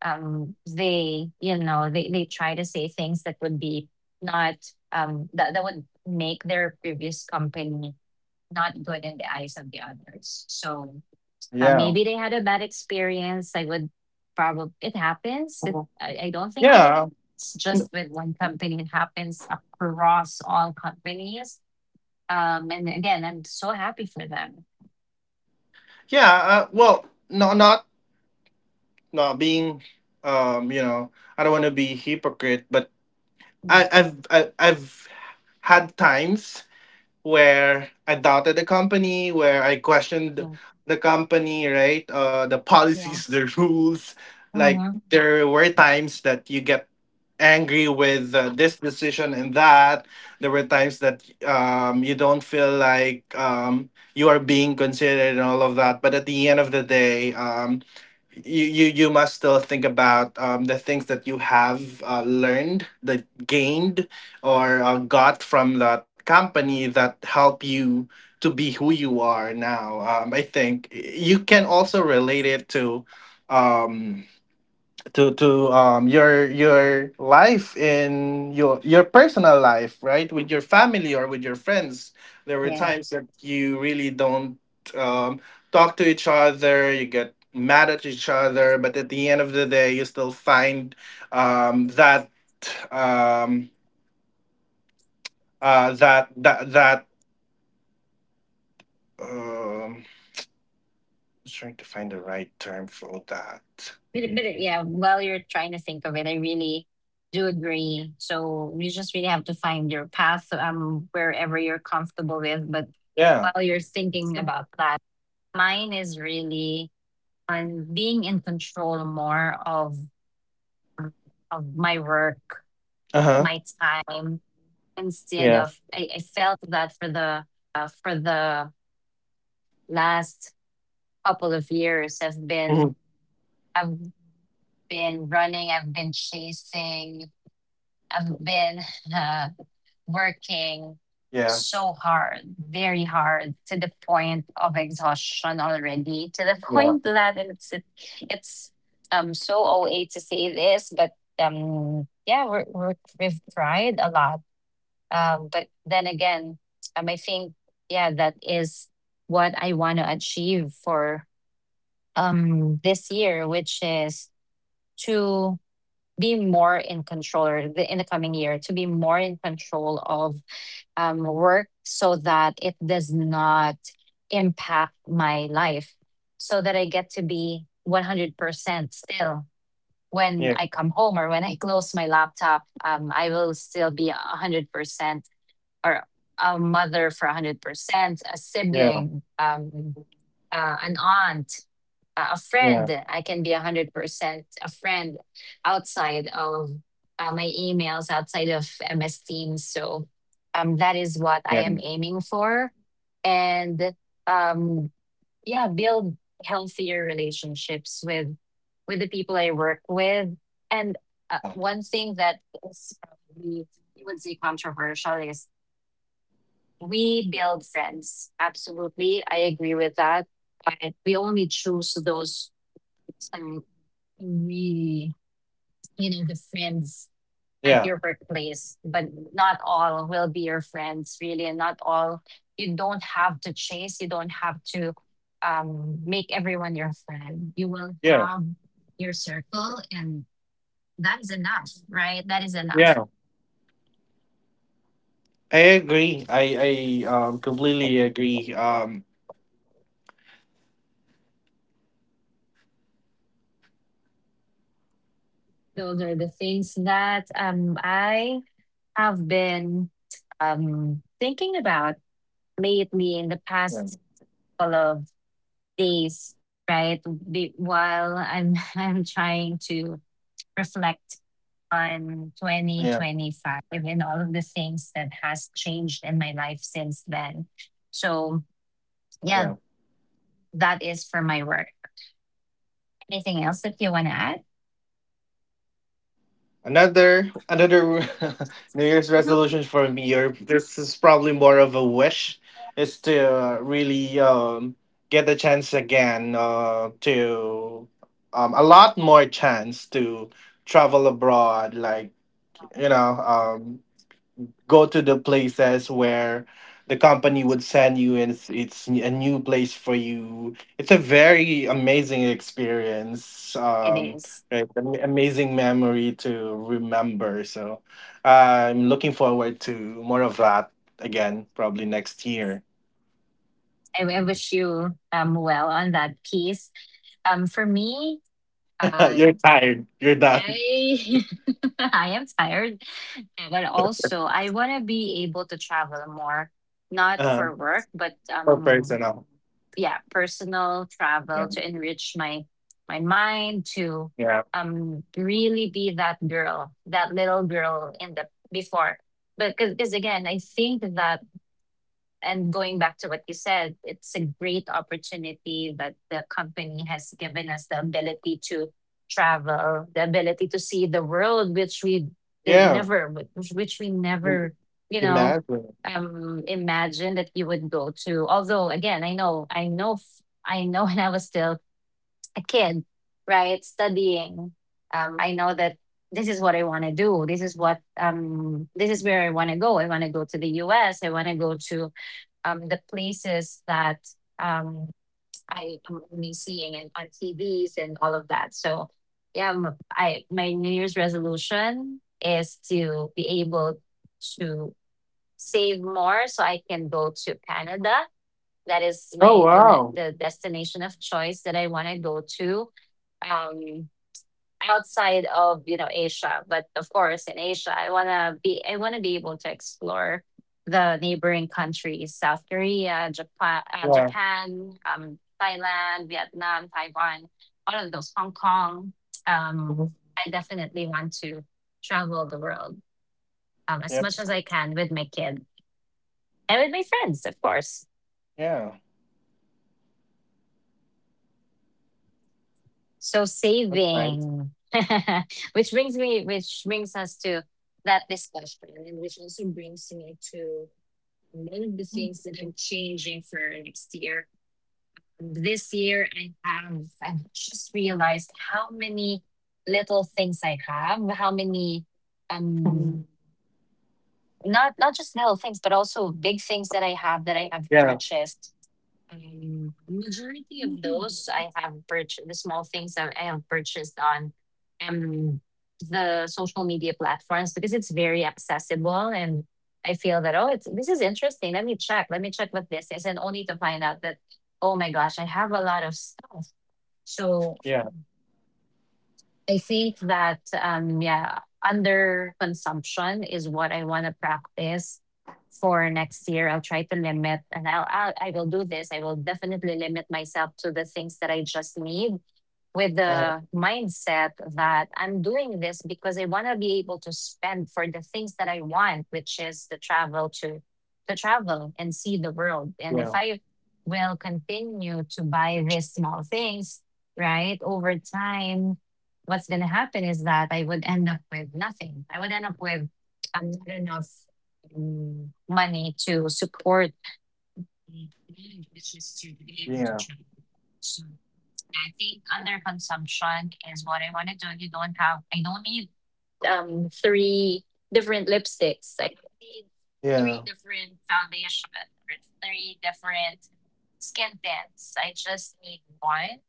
A: they you know they try to say things that would be not that would make their previous company not good in the eyes of the others. So
B: yeah.
A: maybe they had a bad experience. I would probably it happens
B: Mhm.
A: I don't think that
B: Yeah,
A: it's just with one company. It happens across all companies, and again I'm so happy for them.
B: yeah. Well, no, not being, um, you know, I don't want to be hypocrite, but
A: Mm,
B: I've had times where I doubted the company, where I questioned
A: mm,
B: the company, right? The
A: yeah.
B: policies, the rules. Like,
A: Mhm.
B: there were times that you get angry with, this decision and that. There were times that, you don't feel like, you are being considered, and all of that. But at the end of the day, you must still think about, the things that you have, learned, that gained, or got from that company that help you to be who you are now. I think you can also relate it to. Um, to your life in your personal life, right? With your family or with your friends, there were times that you really don't, um talk to each other, you get mad at each other, but at the end of the day, you still find, that, um that um just trying to find the right term for that.
A: But yeah, while you're trying to think of it, I really do agree. So you just really have to find your path wherever you're comfortable with. But
B: Yeah.
A: while you're thinking about that, mine is really on being in control more of my work,
B: Uh-huh.
A: my time, instead
B: Yeah.
A: of I felt that for the uh, for the last couple of years
B: Mhm.
A: I've been running, I've been chasing I've been uh, working
B: Yeah,
A: so hard, very hard, to the point of exhaustion already, to the
B: yeah,
A: point that it's so OA to say this, but yeah, we've tried a lot, but then again, I think yeah, that is what I want to achieve for this year, which is to be more in control, in the coming year, to be more in control of work so that it does not impact my life, so that I get to be 100% still when
B: yeah,
A: I come home. Or when I close my laptop, I will still be 100%, or a mother for 100%, a
B: yeah.
A: sibling, an aunt, a
B: Yeah.
A: friend. I can be 100% a friend outside of my emails, outside of MS Teams. So that is what I
B: Yeah.
A: am aiming for. And um, yeah, build healthier relationships with the people I work with. And
B: Yeah.
A: one thing that is probably, you would say, controversial is we build friends. Absolutely. I agree with that. But we only choose those um, we you know the friends at
B: Yeah.
A: your workplace, but not all will be your friends really, and not all, you don't have to chase, you don't have to make everyone your friend. You will
B: Yeah.
A: have your circle, and that is enough, right? That is enough.
B: Yeah. I agree. I completely agree.
A: Those are the things that I have been thinking about lately in the past
B: Yeah.
A: couple of days, right? While I'm I'm trying to reflect on
B: Yeah.
A: 2025 and all of the things that has changed in my life since then. So
B: Yeah.
A: yeah, that is for my work. Anything else that you want to add?
B: Another New Year's
A: Mhm.
B: resolution for me, or this is probably more of a wish, is to, really, get a chance again, to, a lot more chance to travel abroad, like you know um. Go to the places where the company would send you, and it's a new place for you, it's a very amazing experience.
A: It is.
B: Right, amazing memory to remember. So I'm looking forward to more of that again, probably next year.
A: I wish you well on that piece. For me, uh,
B: You're tired, you're done.
A: I I am tired. But also, I want to be able to travel more, not
B: uh,
A: for work, but
B: for personal.
A: yeah, personal
B: Yeah,
A: travel to enrich my my mind to
B: yeah,
A: really be that girl, that little girl in the before. But because again, I think that, and going back to what you said, it's a great opportunity that the company has given us the ability to travel, the ability to see the world, which we did
B: yeah.
A: never, which we
B: im-
A: never, you know,
B: Imagine.
A: imagined that you would go to. Although, again, I know, I know, I know, when I was still a kid, right, studying, I know that this is what I want to do. This is what this is where I want to go. I want to go to the U.S. I want to go to the places that um, I am only seeing and on TVs and all of that. So yeah, I my New Year's resolution is to be able to save more so I can go to Canada. That is
B: Oh,
A: my
B: wow.
A: the destination of choice that I want to go to. Um, outside of you know Asia, but of course in Asia, I wanna be able to explore the neighboring countries: South Korea, Japan,
B: Yeah.
A: Japan, Thailand, Vietnam, Taiwan, all of those, Hong Kong.
B: Mhm.
A: I definitely want to travel the world as
B: Yep.
A: much as I can with my kid and with my friends, of course.
B: Yeah.
A: So
B: That's nice.
A: saving, which brings us to that discussion, and which also brings me to made the things that I changing for next year. This year, I've just realized how many little things I have, how many um not not just little things, but also big things that I have
B: Yeah.
A: purchased majority of those I have purchased, the small things that I have purchased on um, the social media platforms because it's very accessible. And I feel that, oh, it's, this is interesting. Let me check. Let me check what this is. And only to find out that, oh my gosh, I have a lot of stuff.
B: Yeah.
A: So I think that yeah, under consumption is what I want to practice for next year. I'll try to limit and I will do this. I will definitely limit myself to the things that I just need with
B: Uh,
A: the mindset that I'm doing this because I want to be able to spend for the things that I want, which is the travel to travel and see the world. And if
B: yeah.
A: I will continue to buy these small things, right, over time what's going to happen is that I would end up with nothing. I would end up with not enough money to support my mind, to be able to
B: Yeah.
A: travel. So I think under consumption is what I want to do. You don't have, I don't need three different lipsticks. I don't need
B: Yeah.
A: three different foundations or three different skin tints. I just need one,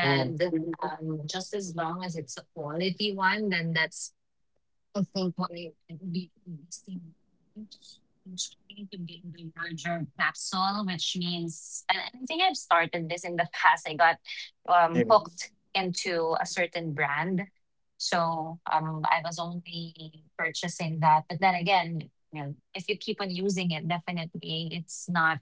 B: Mm.
A: just as long as it's a quality one, then that's also probably be investing into integrating the larger capsule, which means, and I think I've started this in the past. I got
B: Yeah.
A: hooked into a certain brand, so I was only purchasing that. But then again, you know, if you keep on using it, definitely it's not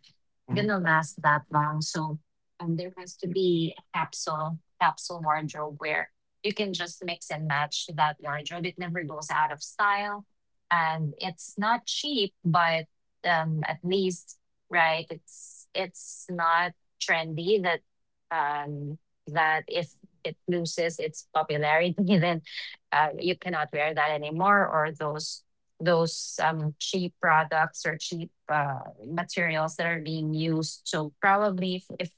B: Mhm.
A: gonna last that long. So there has to be a capsule wardrobe where you can just mix and match that wardrobe. It never goes out of style. And it's not cheap, but at least, right, it's not trendy that um, that if it loses its popularity, then you cannot wear that anymore, or those cheap products or cheap materials that are being used. So probably if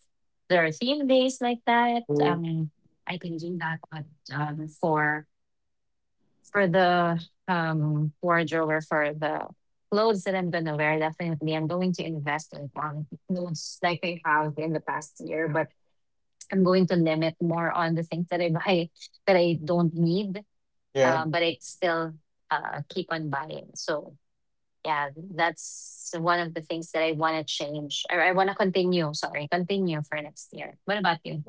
A: there are theme days like that,
B: Mm.
A: I can do that. But um, for for the wardrobe or for the clothes that I'm gonna wear. Definitely, I'm going to invest in on clothes like I have in the past year, but I'm going to limit more on the things that I buy that I don't need,
B: Yeah.
A: but I still keep on buying. So yeah, that's one of the things that I want to change. Or I want to continue. Sorry, continue for next year. What about you?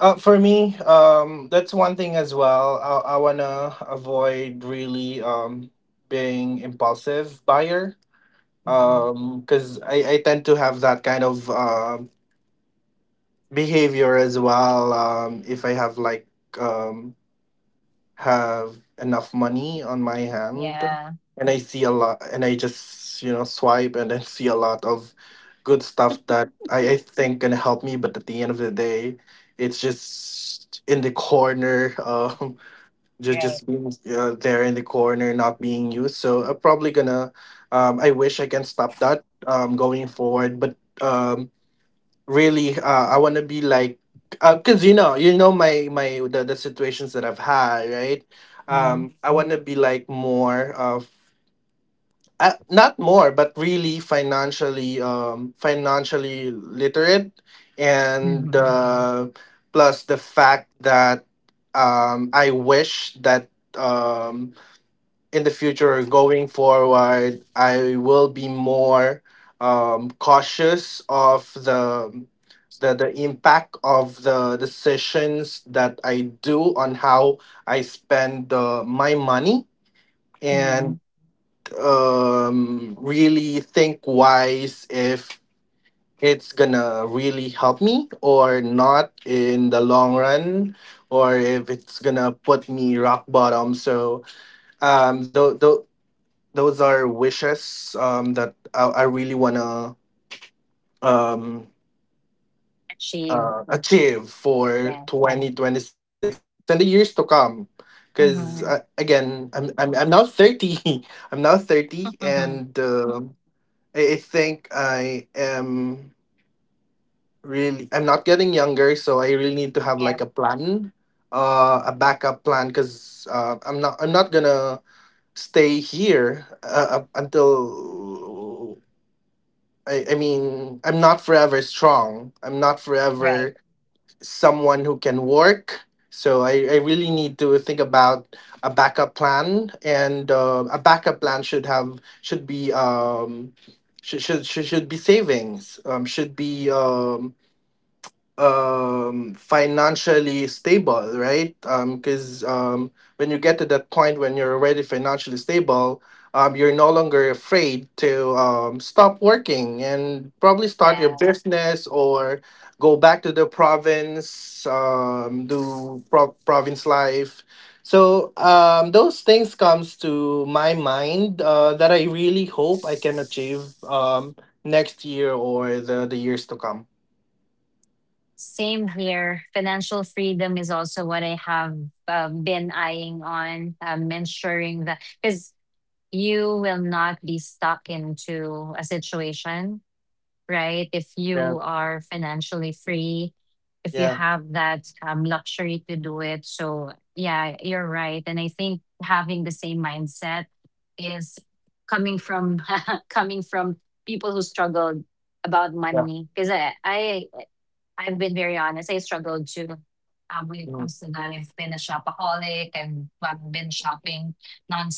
B: For me, that's one thing as well. I wanna avoid, really, being impulsive buyer.
A: Mhm.
B: Because I tend to have that kind of, behavior as well. If I have, like, um have enough money on my hand,
A: Yeah.
B: and I see a lot, and I just, swipe, and then see a lot of good stuff that I think can help me, but at the end of the day, it's just in the corner. Just
A: Right.
B: just being, there in the corner, not being used. So I'm probably gonna. I wish I can stop that, going forward, but really, I want to be like, because you know my the situations that I've had, right?
A: Mm-hmm.
B: I want to be like more of, not more but really financially, financially literate. And plus the fact that, I wish that, um in the future going forward, I will be more, cautious of the impact of the sessions that I do on how I spend, my money.
A: Mm-hmm.
B: And really think wise if it's gonna really help me or not in the long run, or if it's gonna put me rock bottom. So um th- th- those are wishes, that I really wanna, um,
A: Achieve.
B: achieve for
A: Yeah.
B: 2026 and the years to come. Because
A: Mhm.
B: again, I'm now 30. I'm now 30, and
A: Mhm.
B: I think I am really, I'm not getting younger, so I really need to have,
A: Yeah.
B: like, a plan, a backup plan. Because I'm not gonna stay here, up until I mean, I'm not forever strong, I'm not
A: Right.
B: forever someone who can work. So I really need to think about a backup plan, and a backup plan should be, should be savings, should be, financially stable, right? Because when you get to that point, when you're already financially stable, you're no longer afraid to, stop working and probably start your
A: Um,
B: business, or go back to the province, do province life. So those things comes to my mind, that I really hope I can achieve, next year or the years to come.
A: same here. Financial freedom is also what I have been eyeing on, ensuring that, because you will not be stuck into a situation, right? If
B: Yeah,
A: you are financially free, if you
B: yeah,
A: have that luxury to do it. So, yeah, you're right. And I think having the same mindset is coming from coming from people who struggled about
B: yeah,
A: money, because I I've been very honest. I struggled to when it
B: mm,
A: comes to that. I've been a shopaholic and I've been shopping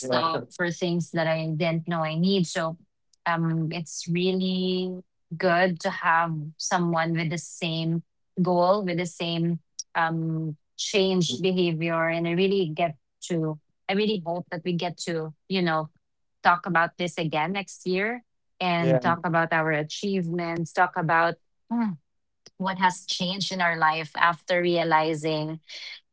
B: yeah,
A: for things that I didn't know I need. So it's really good to have someone with the same goal, with the same changed behavior. And to, I really hope that we get to, you know, talk about this again next year and
B: yeah,
A: talk about our achievements, talk about hmm, what has changed in our life after realizing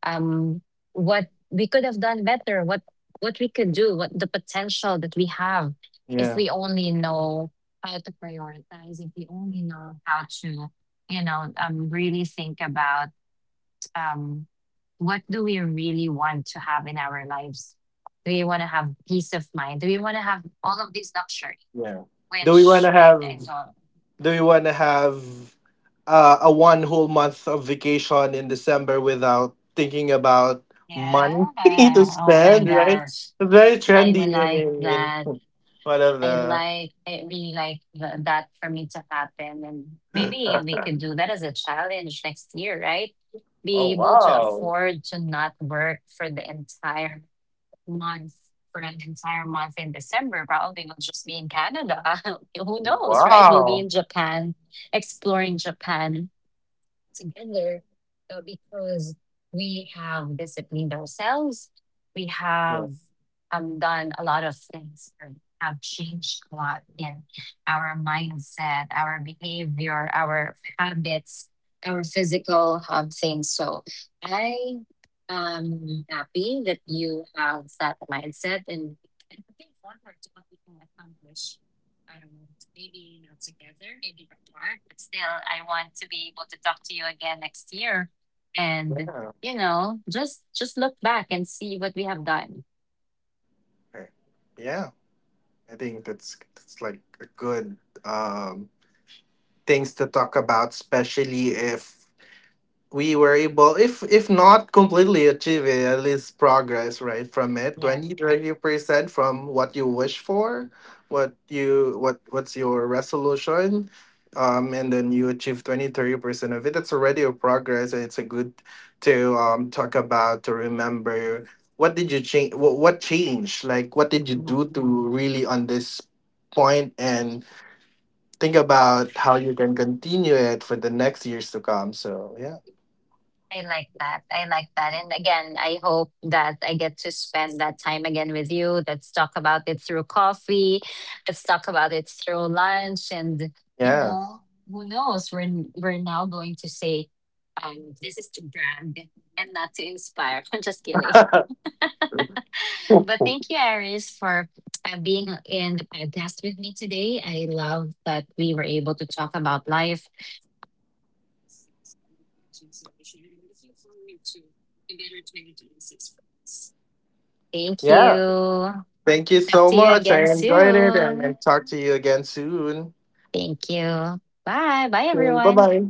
A: um, what we could have done better, what we could do, what the potential that we have if
B: yeah,
A: we only know how to prioritize, if we only know how to, you know, really think about um, what do we really want to have in our lives. Do we want to have peace of mind? Do we want to have all of these luxury?
B: yeah. Do we want
A: Which
B: to have?
A: I don't.
B: Do we want to have, a one whole month of vacation in December without thinking about money to
A: Yeah. Oh my
B: spend? Right,
A: gosh.
B: it's very
A: I
B: trendy in
A: like
B: in
A: that.
B: one of
A: I
B: the.
A: like, I really like that for me to happen. And maybe we could do that as a challenge next year, right? Be
B: Oh,
A: able to
B: wow!
A: afford to not work for the entire month, for an entire month in December. Probably we'll just be in Canada. Who knows, right? We'll be
B: Wow!
A: in Japan, exploring Japan together because we have disciplined ourselves. We
B: Yeah.
A: have done a lot of things or have changed a lot in our mindset, our behavior, our habits, our physical things. So I am happy that you have that mindset and I'm looking forward to what we can accomplish. I don't know, maybe not together, maybe apart, but still, I want to be able to talk to you again next year. And,
B: Yeah.
A: you know, just look back and see what we have done.
B: Okay. Yeah. I think that's like a good, um, things to talk about, especially if we were able, if not completely achieve it, at least progress, right, from it.
A: Yeah.
B: 20-30% from what you wish for, what's your resolution, and then you achieve 20-30% of it, that's already a progress, and it's a good to talk about, to remember what did you change, what changed, like what did you do
A: Mhm.
B: to really on this point, and think about how you can continue it for the next years to come. So yeah.
A: I like that. I like that. And again, I hope that I get to spend that time again with you. Let's talk about it through coffee. Let's talk about it through lunch. And, you
B: Yeah.
A: know, who knows? We're now going to say, this is to brag and not to inspire. I'm just kidding. But thank you, Iris, for being in the podcast with me today. I love that we were able to talk about life. Thank you.
B: Yeah. Thank you
A: Talk
B: so
A: to you
B: much.
A: again
B: I enjoyed it, and,
A: soon.
B: and talk to you again soon.
A: Thank you. Bye. Bye,
B: Bye
A: everyone.
B: bye.